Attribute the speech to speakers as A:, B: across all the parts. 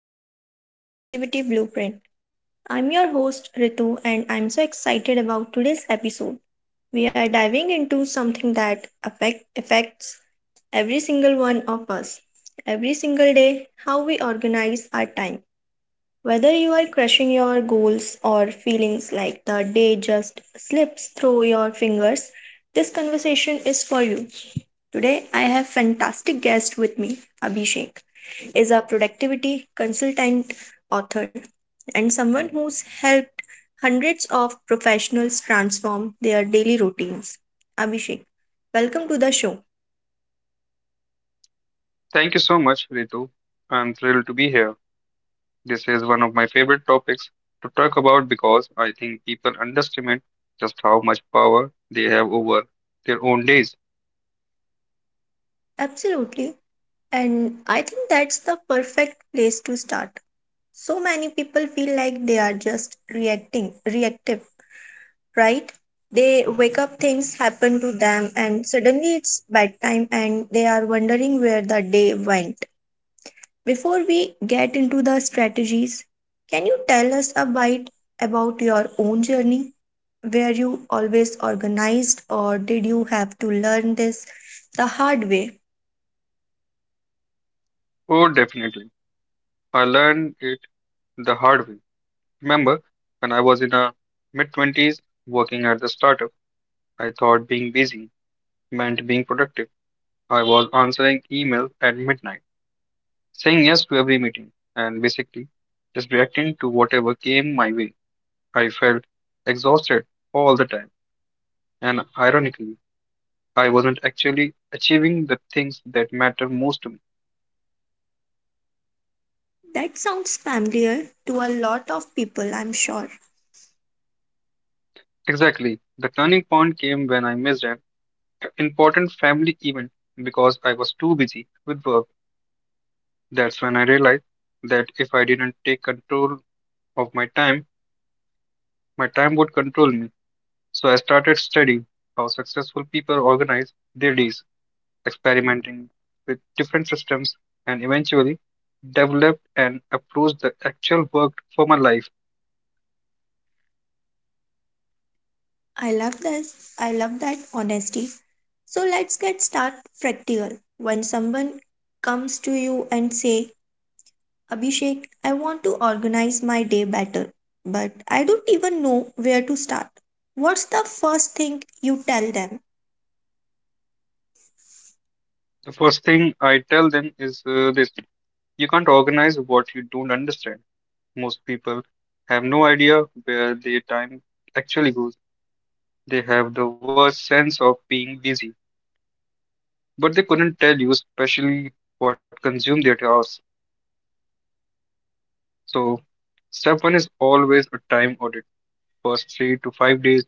A: welcome back to the Productivity Blueprint. I'm your host, Ritu, and I'm so excited about today's episode. We are diving into something that affects every single one of us every single day how we organize our time. Whether you are crushing your goals or feelings like the day just slips through your fingers, this conversation is for you. Today I have fantastic guest with me. Abhishek is a productivity consultant, author, and someone who's helped hundreds of professionals transform their daily routines. Abhishek, welcome to the show.
B: Thank you so much, Ritu. I'm thrilled to be here. This is one of my favorite topics to talk about because I think people underestimate just how much power they have over their own days.
A: Absolutely. And I think that's the perfect place to start. So many people feel like they are just reactive, right? They wake up, things happen to them, and suddenly it's bedtime and they are wondering where the day went. Before we get into the strategies, can you tell us a bit about your own journey? Were you always organized, or did you have to learn this the hard way?
B: Oh, definitely. I learned it the hard way. Remember, when I was in a mid 20s working at the startup, I thought being busy meant being productive. I was answering emails at midnight, saying yes to every meeting, and basically just reacting to whatever came my way. I felt exhausted all the time, and ironically, I wasn't actually achieving the things that matter most to me.
A: That sounds familiar to a lot of people, I'm sure.
B: Exactly. The turning point came when I missed an important family event because I was too busy with work. That's when I realized that if I didn't take control of my time would control me. So I started studying how successful people organize their days, experimenting with different systems, and eventually developed and approached the actual work for my life.
A: I love this. I love that honesty. So let's get start practical. When someone comes to you and say, "Abhishek, I want to organize my day better, but I don't even know where to start." What's the first thing you tell them?
B: The first thing I tell them is this: you can't organize what you don't understand. Most people have no idea where their time actually goes. They have the worst sense of being busy, but they couldn't tell you, especially what consumed their hours. So, step one is always a time audit. First, 3 to 5 days.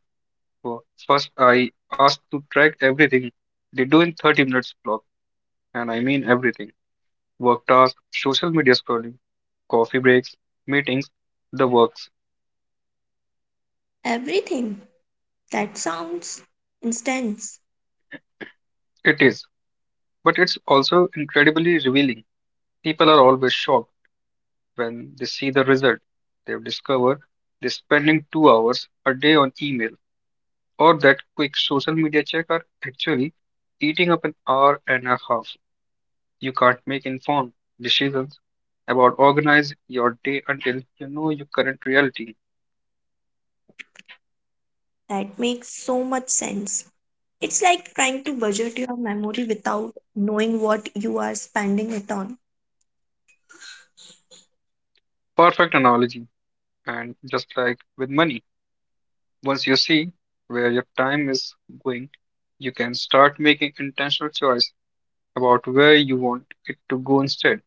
B: Well, first, I asked to track everything they do in 30 minutes block, and I mean everything. Work tasks, social media scrolling, coffee breaks, meetings, the works.
A: Everything. That sounds intense.
B: It is, but it's also incredibly revealing. People are always shocked when they see the result. They've discovered they're spending 2 hours a day on email, or that quick social media check are actually eating up an hour and a half. You can't make informed decisions about organize your day until you know your current reality.
A: That makes so much sense. It's like trying to budget your memory without knowing what you are spending it on.
B: Perfect analogy. And just like with money, once you see where your time is going, you can start making intentional choice about where you want it to go instead.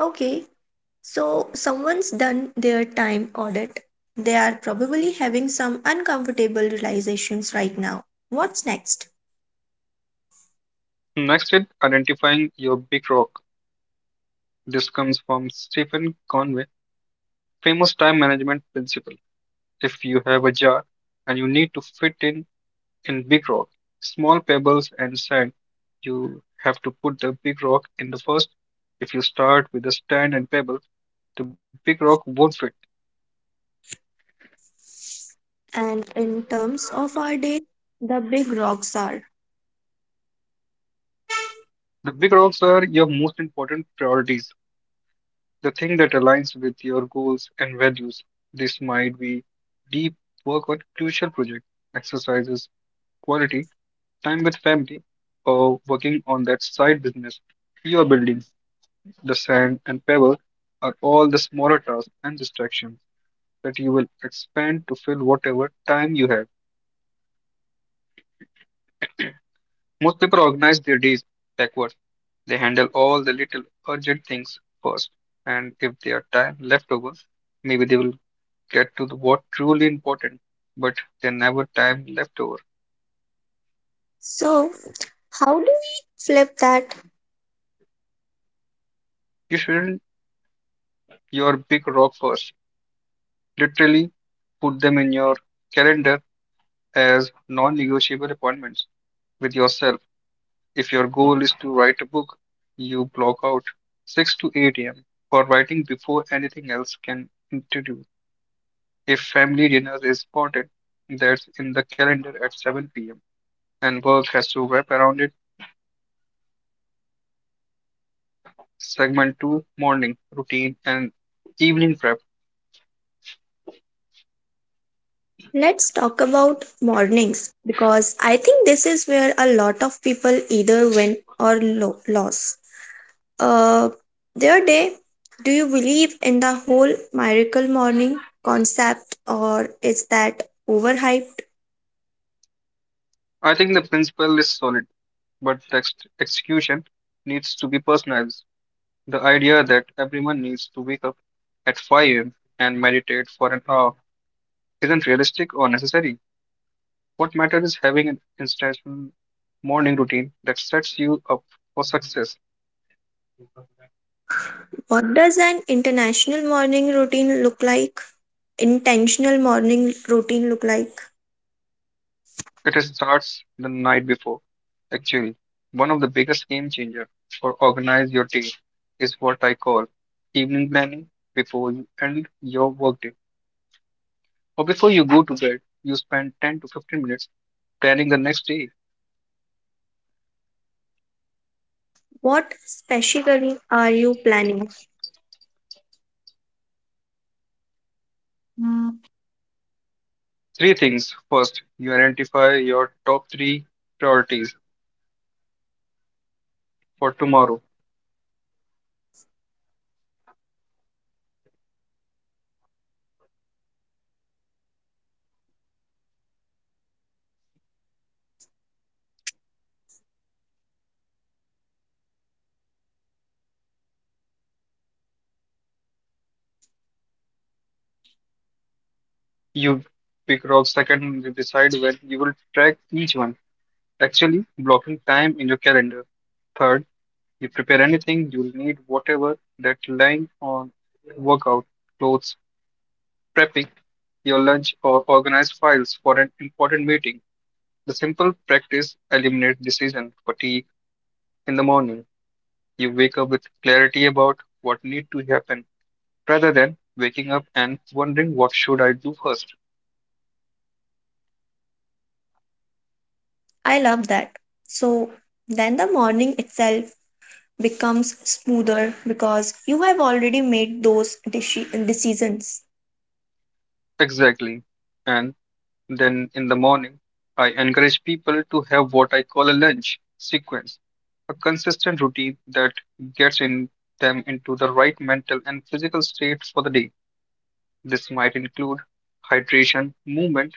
A: Okay, so, someone's done their time audit. They are probably having some uncomfortable realizations right now. What's next?
B: Next is identifying your big rock. This comes from Stephen Conway, famous time management principle. If you have a jar and you need to fit in big rock, small pebbles, and sand, you have to put the big rock in the first. If you start with the sand and pebbles, the big rock won't fit.
A: And in terms of our day, the big rocks are.
B: The big rocks are your most important priorities, the thing that aligns with your goals and values. This might be deep work on crucial projects, exercises, quality time with family, or working on that side business you are building. The sand and pebble are all the smaller tasks and distractions that you will expand to fill whatever time you have. Most people organize their days backwards. They handle all the little urgent things first, and if they are time left over, maybe they will get to the what truly important, but they never time left over.
A: So, how do we flip that?
B: You shouldn't your big rock first. Literally put them in your calendar as non-negotiable appointments with yourself. If your goal is to write a book, you block out 6 to 8 a.m. for writing before anything else can interview. If family dinner is spotted, that's in the calendar at 7 p.m., and work has to wrap around it. Segment 2, morning routine and evening prep.
A: Let's talk about mornings because I think this is where a lot of people either win or lose. Uh, their day, do you believe in the whole miracle morning concept, or is that overhyped?
B: I think the principle is solid, but the execution needs to be personalized. The idea that everyone needs to wake up at 5 a.m. and meditate for an hour isn't realistic or necessary. What matters is having an intentional morning routine that sets you up for success.
A: What does an international morning routine look like? Intentional morning routine look like?
B: It starts the night before. Actually, one of the biggest game changer for organize your day is what I call evening planning. Before you end your workday or before you go to bed, you spend 10 to 15 minutes planning the next day.
A: What specifically are you planning?
B: For tomorrow. You pick rock second, and you decide when you will track each one, actually blocking time in your calendar. Third, you prepare anything you'll need, whatever that lying on, workout clothes, prepping your lunch, or organize files for an important meeting. The simple practice eliminates decision fatigue in the morning. You wake up with clarity about what need to happen rather than waking up and wondering what should I do first.
A: I love that. So then the morning itself becomes smoother because you have already made those decisions.
B: Exactly. and. Then in the morning, I encourage people to have what I call a lunch sequence, a consistent routine that gets in them into the right mental and physical state for the day. This might include hydration, movement,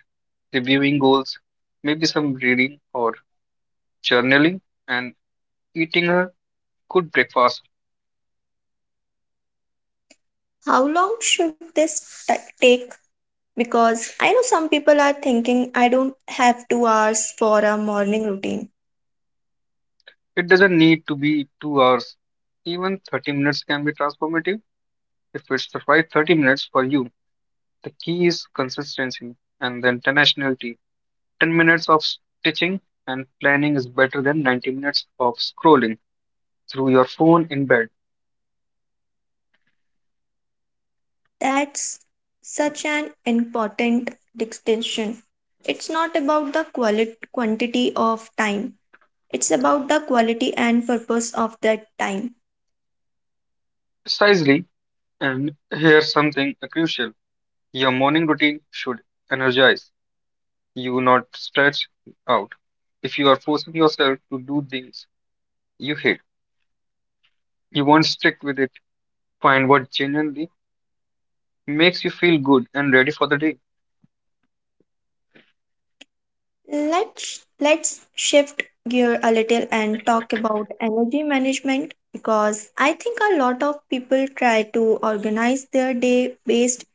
B: reviewing goals, maybe some reading or journaling, and eating a good breakfast.
A: How long should this take? Because I know some people are thinking I don't have 2 hours for a morning routine.
B: It doesn't need to be 2 hours. Even 30 minutes can be transformative if it's the right 30 minutes for you. The key is consistency and the intentionality. 10 minutes of stitching and planning is better than 90 minutes of scrolling through your phone in bed.
A: That's such an important distinction. It's not about the quality quantity of time. It's about the quality and purpose of that time.
B: Precisely, and here's something crucial: your morning routine should energize you, not stretch out. If you are forcing yourself to do things you hate, you won't stick with it. Find what genuinely makes you feel good and ready for the day.
A: Let's shift gear a little and talk about energy management because I think a lot of people try to organize their day based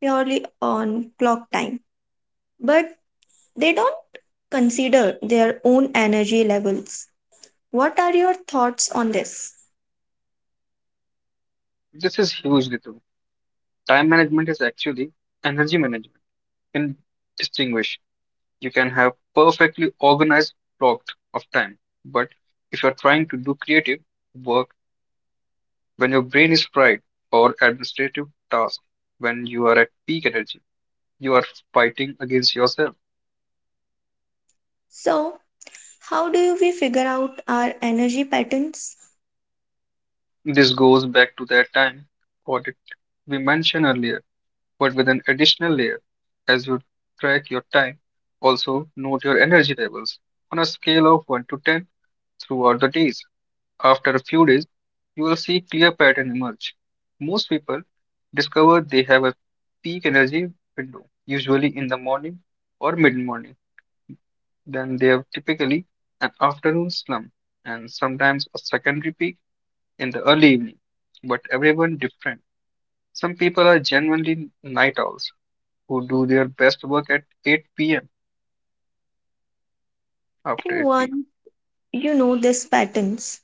A: purely on clock time. But they don't consider their own energy levels. What are your thoughts on this?
B: This is hugely, Ritu. Time management is actually energy management in distinguish. You can have perfectly organized block of time, but if you're trying to do creative work when your brain is fried, or administrative tasks when you are at peak energy, you are fighting against yourself.
A: So, how do we figure out our energy patterns?
B: This goes back to that time audit we mentioned earlier, but with an additional layer. As you track your time, also note your energy levels on a scale of 1 to 10 throughout the days. After a few days, you will see clear pattern emerge. Most people discover they have a peak energy window, usually in the morning or mid-morning. Then they have typically an afternoon slump and sometimes a secondary peak in the early evening. But everyone different. Some people are genuinely night owls who do their best work at 8 p.m.,
A: And
B: after 8 p.m.
A: one, you know these patterns.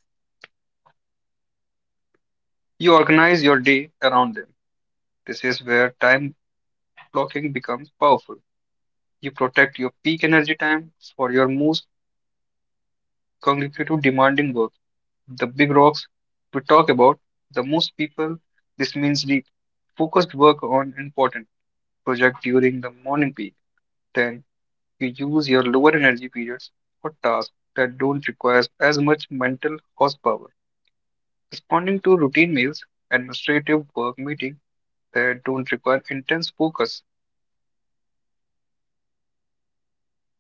B: You organize your day around them. This is where time blocking becomes powerful. You protect your peak energy time for your most cognitive demanding work. The big rocks we talk about, the most people, this means deep, focused work on important project during the morning peak. Then you use your lower energy periods for tasks that don't require as much mental horsepower. Responding to routine mails, administrative work, meeting that don't require intense focus.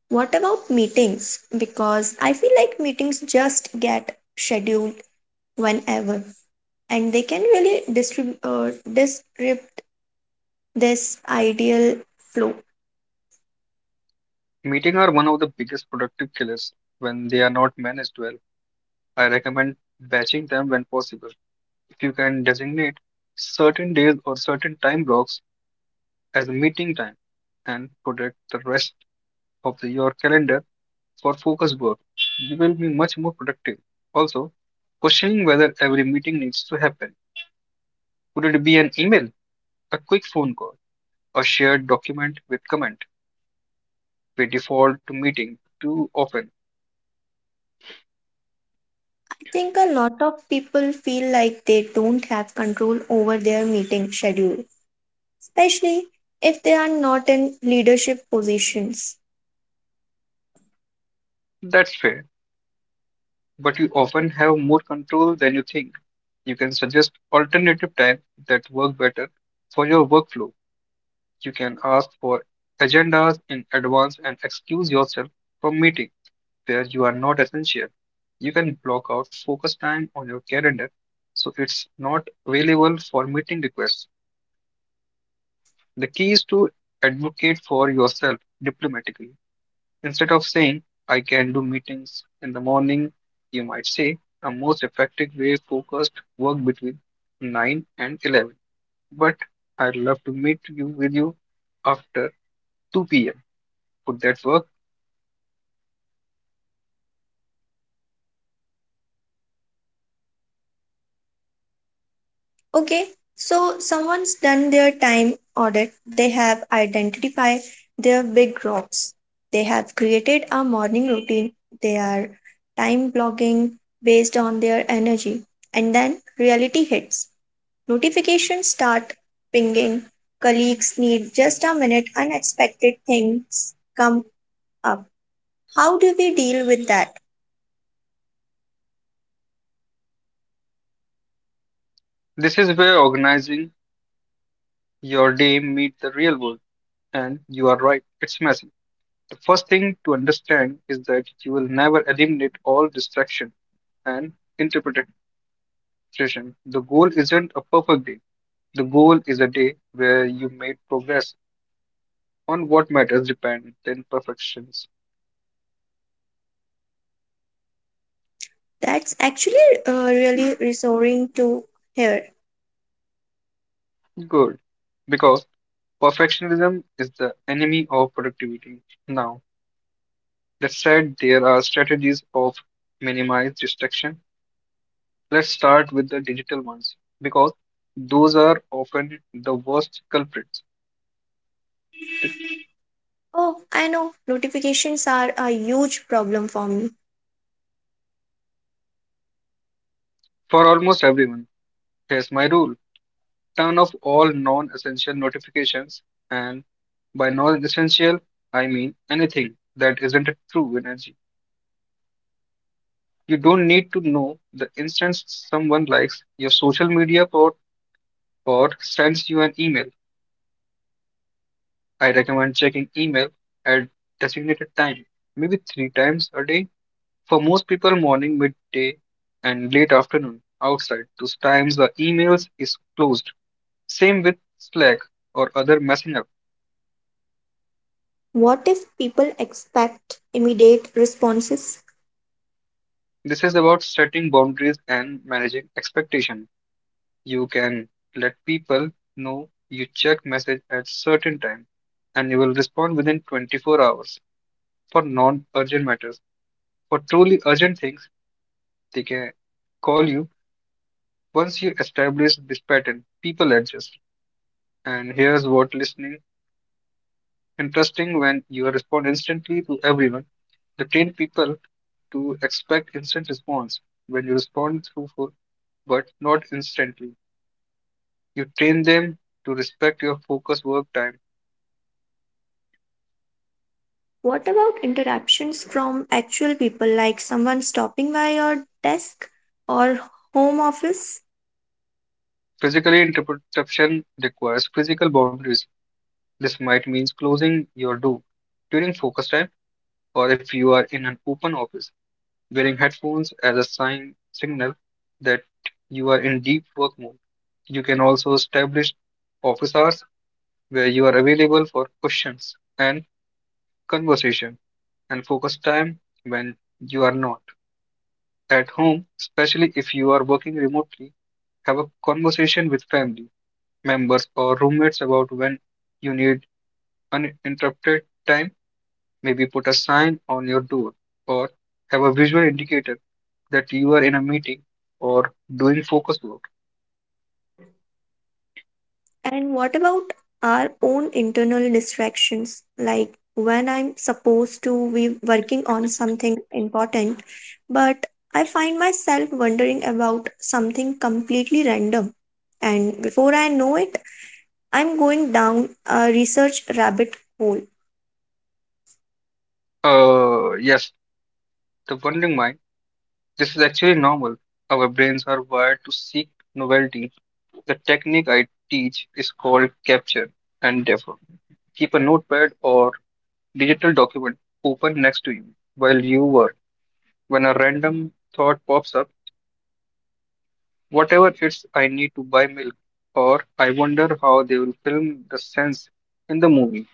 A: What about meetings? Because I feel like meetings just get scheduled whenever, and they can really distribute disrupt this ideal flow. I
B: Meetings are one of the biggest productive killers when they are not managed well. I recommend batching them when possible. If you can designate certain days or certain time blocks as a meeting time and protect the rest of your calendar for focused work, you will be much more productive. Also, questioning whether every meeting needs to happen. Could it be an email, a quick phone call, a shared document with comment? We default to meeting too often.
A: think a lot of people feel like they don't have control over their meeting schedule, especially if they are not in leadership positions.
B: That's fair, but you often have more control than you think. You can suggest alternative time that work better for your workflow. You can ask for agendas in advance and excuse yourself from meeting where you are not essential. You can block out focus time on your calendar so it's not available for meeting requests. The key is to advocate for yourself diplomatically. Instead of saying, "I can do meetings in the morning," you might say, "A most effective way focused work between 9 and 11. But I'd love to meet you with you after 2 p.m. Would that work?"
A: Okay, so someone's done their time audit, they have identified their big rocks, they have created a morning routine, they are time blocking based on their energy, and then reality hits. Notifications start pinging, colleagues need just a minute, unexpected things come up. How do we deal with that?
B: This is where organizing your day meets the real world. And you are right, it's messy. The first thing to understand is that you will never eliminate all distraction and interpretation. The goal isn't a perfect day. The goal is a day where you made progress on what matters dependent than perfections.
A: That's actually really reassuring to hear.
B: Good. Because perfectionism is the enemy of productivity. Now, that said, there are strategies of minimize distraction. Let's start with the digital ones because those are often the worst culprits.
A: Oh, I know notifications are a huge problem for me.
B: For almost everyone, here's my rule: turn off all non essential notifications, and by non essential, I mean anything that isn't a true energy. You don't need to know the instant someone likes your social media post or sends you an email. I recommend checking email at designated time, maybe three times a day. For most people, morning, midday, and late afternoon outside. Those times the emails is closed. Same with Slack or other messaging.
A: What if people expect immediate responses?
B: This is about setting boundaries and managing expectation. You can let people know you check message at certain time and you will respond within 24 hours for non-urgent matters. For truly urgent things, they can call you. Once you establish this pattern, people adjust. And here's what listening interesting when you respond instantly to everyone. You train people to expect instant response. When you respond through for but not instantly, you train them to respect your focus work time.
A: What about interruptions from actual people like someone stopping by your desk or home office?
B: Physically, interruption requires physical boundaries. This might mean closing your door during focus time, or if you are in an open office, wearing headphones as a sign signal that you are in deep work mode. You can also establish office hours where you are available for questions and conversation, and focus time when you are not. At home, especially if you are working remotely, have a conversation with family members or roommates about when you need uninterrupted time. Maybe put a sign on your door or have a visual indicator that you are in a meeting or doing focus work.
A: And what about our own internal distractions? Like when I'm supposed to be working on something important, but I find myself wondering about something completely random. And before I know it, I'm going down a research rabbit hole.
B: Yes, the wandering mind. This is actually normal. Our brains are wired to seek novelty. The technique I teach is called capture and defer. Keep a notepad or digital document open next to you while you work. When a random thought pops up, whatever it's I need to buy milk, or I wonder how they will film the sense in the movie.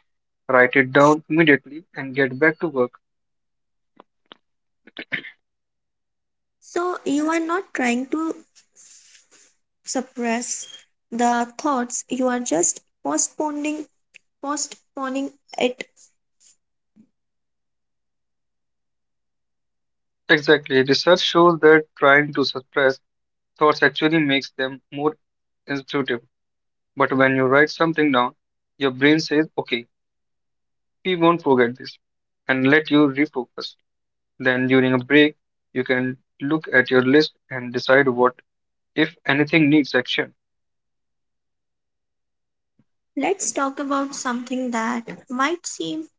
B: Write it down immediately and get back to work.
A: So you are not trying to suppress the thoughts, you are just postponing it.
B: Exactly. Research shows that trying to suppress thoughts actually makes them more intuitive. But when you write something down, your brain says, okay, we won't forget this and let you refocus. Then during a break, you can look at your list and decide what, if anything, needs action.
A: Let's talk about something that might seem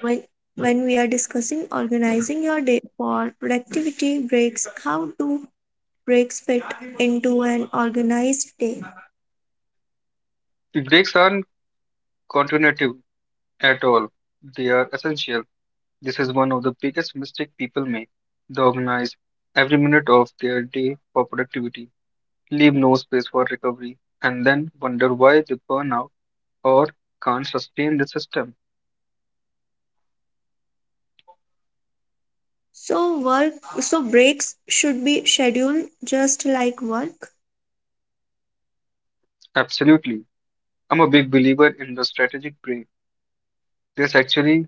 A: when we are discussing organizing your day for productivity breaks, how do breaks fit into an organized day?
B: Breaks aren't counterintuitive at all. They are essential. This is one of the biggest mistakes people make. They organize every minute of their day for productivity, leave no space for recovery, and then wonder why they burn out or can't sustain the system.
A: so work so breaks should be scheduled just like work.
B: Absolutely. I'm a big believer in the strategic break. This actually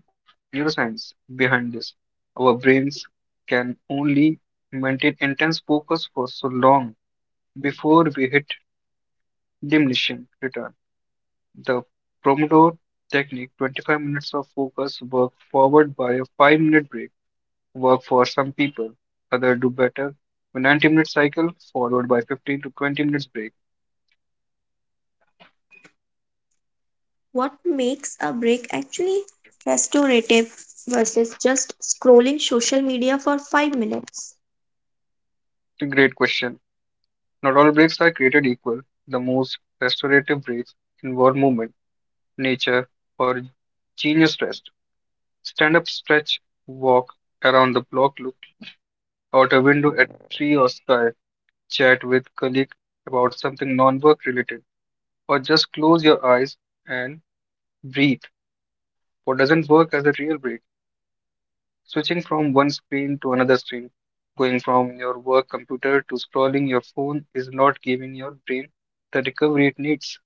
B: neuroscience behind this. Our brains can only maintain intense focus for so long before we hit diminishing return. The Pomodoro technique 25 minutes of focus work followed by a 5-minute break work for some people. Others do better. A 90-minute cycle followed by 15 to 20 minutes break.
A: What makes a break actually restorative versus just scrolling social media for 5 minutes?
B: A great question. Not all breaks are created equal. The most restorative breaks involve movement, nature, or genius rest. Stand up, stretch, walk around the block, look out a window at tree or sky, chat with colleague about something non-work related, or just close your eyes and breathe. What doesn't work as a real break? Switching from one screen to another screen, going from your work computer to scrolling your phone is not giving your brain the recovery it needs.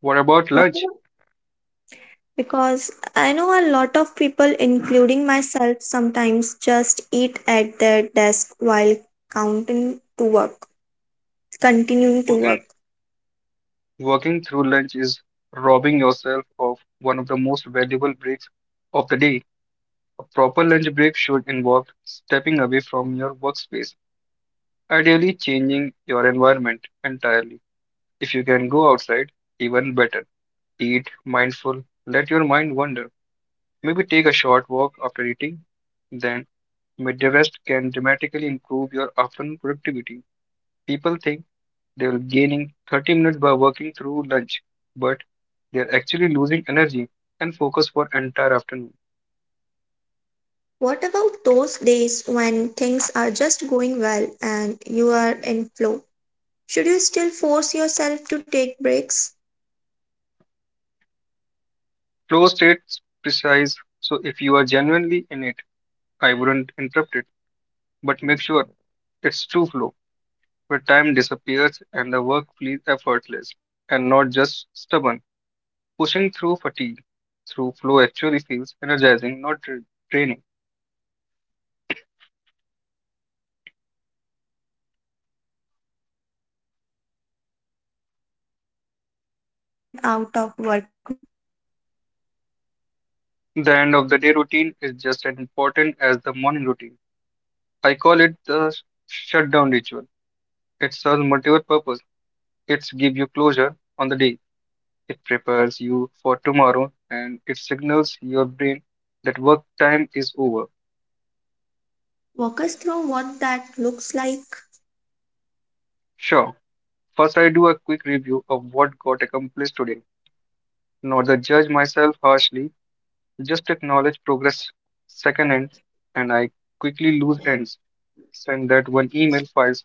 B: What about lunch?
A: Because I know a lot of people, including myself, sometimes just eat at their desk while counting to work, continuing to
B: Working
A: work.
B: working through lunch is robbing yourself of one of the most valuable breaks of the day. A proper lunch break should involve stepping away from your workspace, ideally changing your environment entirely. If you can go outside, even better. Eat mindful, let your mind wander. Maybe take a short walk after eating. Then, midday rest can dramatically improve your afternoon productivity. People think they will gaining 30 minutes by working through lunch, but they are actually losing energy and focus for entire afternoon.
A: What about those days when things are just going well and you are in flow? Should you still force yourself to take breaks?
B: Flow states precise. So if you are genuinely in it, I wouldn't interrupt it, but make sure it's true flow, where time disappears and the work feels effortless and not just stubborn. Pushing through fatigue through flow actually feels energizing, not draining.
A: Let's talk about the end of the workday. How do you organize the transition out of work mode?
B: The end of the day routine is just as important as the morning routine. I call it the shutdown ritual. It serves multiple purpose. It's give you closure on the day. It prepares you for tomorrow and it signals your brain that work time is over.
A: Walk us through what that looks like.
B: Sure, first, I do a quick review of what got accomplished today, not the judge myself harshly, just acknowledge progress. Second end, and I quickly lose ends, send that one email files,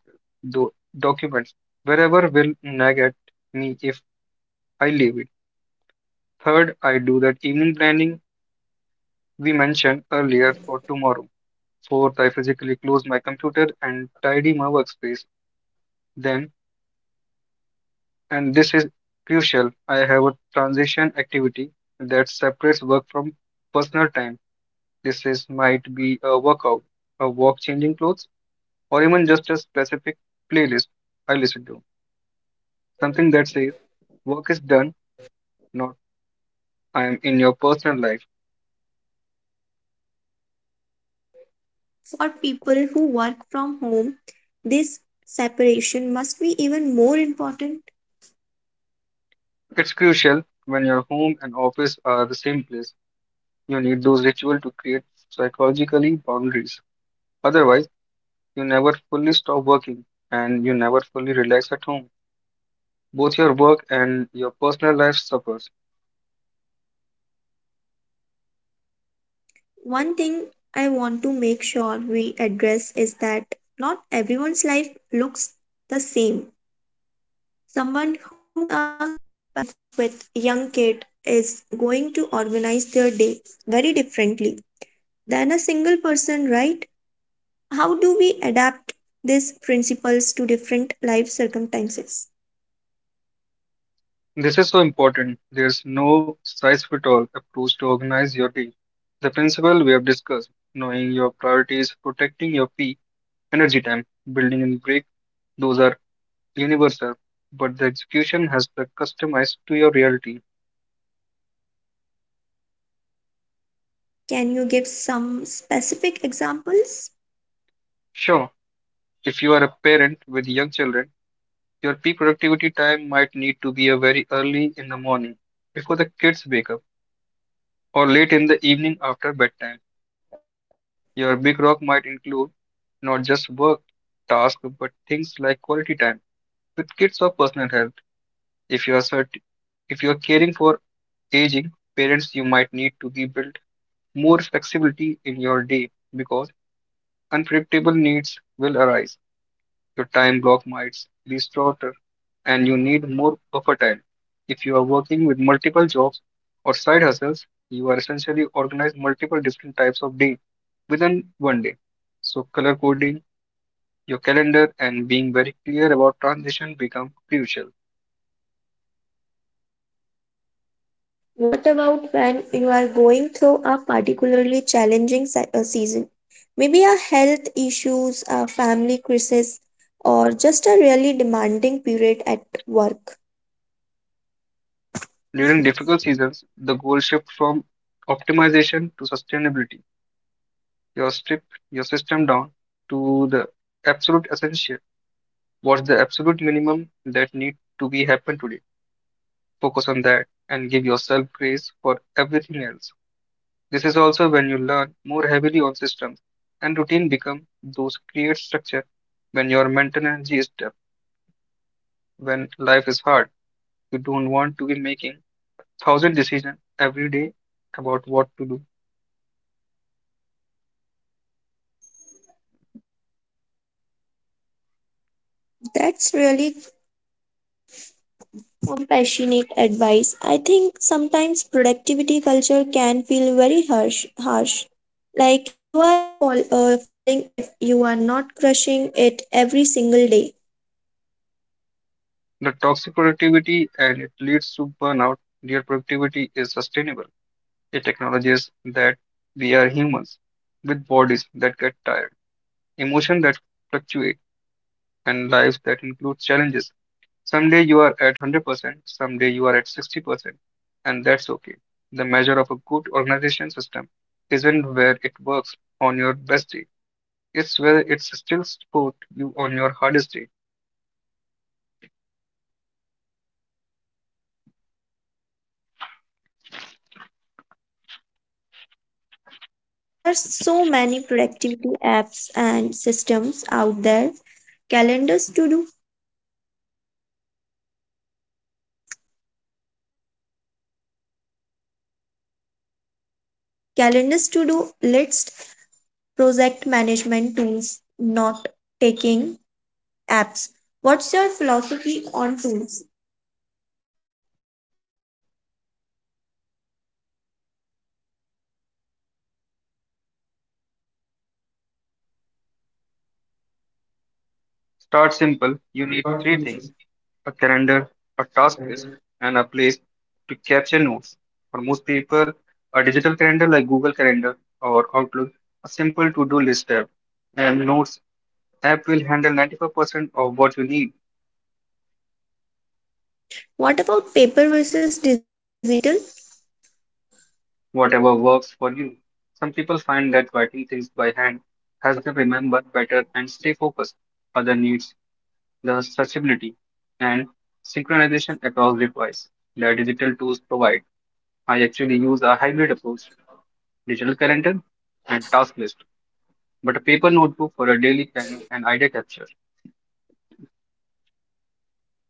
B: do documents, wherever will nag at me if I leave it. Third, I do that evening planning we mentioned earlier for tomorrow. Fourth, I physically close my computer and tidy my workspace. Then. And this is crucial. I have a transition activity that separates work from personal time. This is might be a workout, a walk changing clothes, or even just a specific playlist I listen to. Something that says work is done, not I am in your personal life.
A: For people who work from home, this separation must be even more important.
B: It's crucial when your home and office are the same place. You need those rituals to create psychologically boundaries. Otherwise, you never fully stop working and you never fully relax at home. Both your work and your personal life suffers.
A: One thing I want to make sure we address is that not everyone's life looks the same. Someone who's a parent with young kid is going to organize their day very differently than a single person, right? How do we adapt these principles to different life circumstances?
B: This is so important. There's no size fit all approach to organize your day. The principle we have discussed, knowing your priorities, protecting your peak energy time, building in break, those are universal, but the execution has to be customized to your reality.
A: Can you give some specific examples?
B: Sure, if you are a parent with young children, your peak productivity time might need to be a very early in the morning before the kids wake up or late in the evening after bedtime. Your big rock might include not just work tasks but things like quality time with kids or personal health. If you are cert- if you are caring for aging parents, you might need to be built more flexibility in your day because unpredictable needs will arise. Your time block might be shorter and you need more versatile. If you are working with multiple jobs or side hustles, you are essentially organize multiple different types of day within one day. So color coding your calendar and being very clear about transition become crucial.
A: What about when you are going through a particularly challenging season? Maybe a health issues, a family crisis, or just a really demanding period at work.
B: During difficult seasons, the goal shift from optimization to sustainability. Your strip your system down to the absolute essential. What's the absolute minimum that need to be happen today? Focus on that and give yourself grace for everything else. This is also when you learn more heavily on systems and routine become those create structure when your mental energy is deep, when life is hard. You don't want to be making thousand decisions every day about what to do.
A: That's really compassionate advice. I think sometimes productivity culture can feel very harsh. Like you are falling if you are not crushing it every single day.
B: The toxic productivity and it leads to burnout. Real productivity is sustainable. It acknowledges that we are humans with bodies that get tired, emotions that fluctuate, and lives that include challenges. Someday you are at 100%, someday you are at 60%, and that's okay. The measure of a good organization system isn't where it works on your best day, it's where it still supports you on your hardest day.
A: Let's talk about tools for white. There are so many productivity apps and systems out there. Calendars to do, calendars to do lists, project management tools, not taking apps. What's your philosophy on tools?
B: Start simple, you need three things: a calendar, a task list, and a place to capture notes. For most people, a digital calendar like Google Calendar or Outlook, a simple to do list tab, and Notes app will handle 95% of what you need.
A: What about paper versus digital?
B: Whatever works for you. Some people find that writing things by hand helps them remember better and stay focused. Other needs the stretchability and synchronization across devices that digital tools provide. I actually use a hybrid approach, digital calendar and task list, but a paper notebook for a daily planning and idea capture.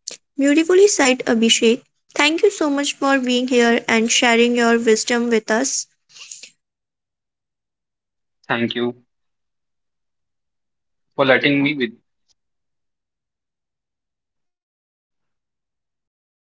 A: Beautifully said, Abhishek. Thank you so much for being here and sharing your wisdom with us.
B: Thank you for letting me with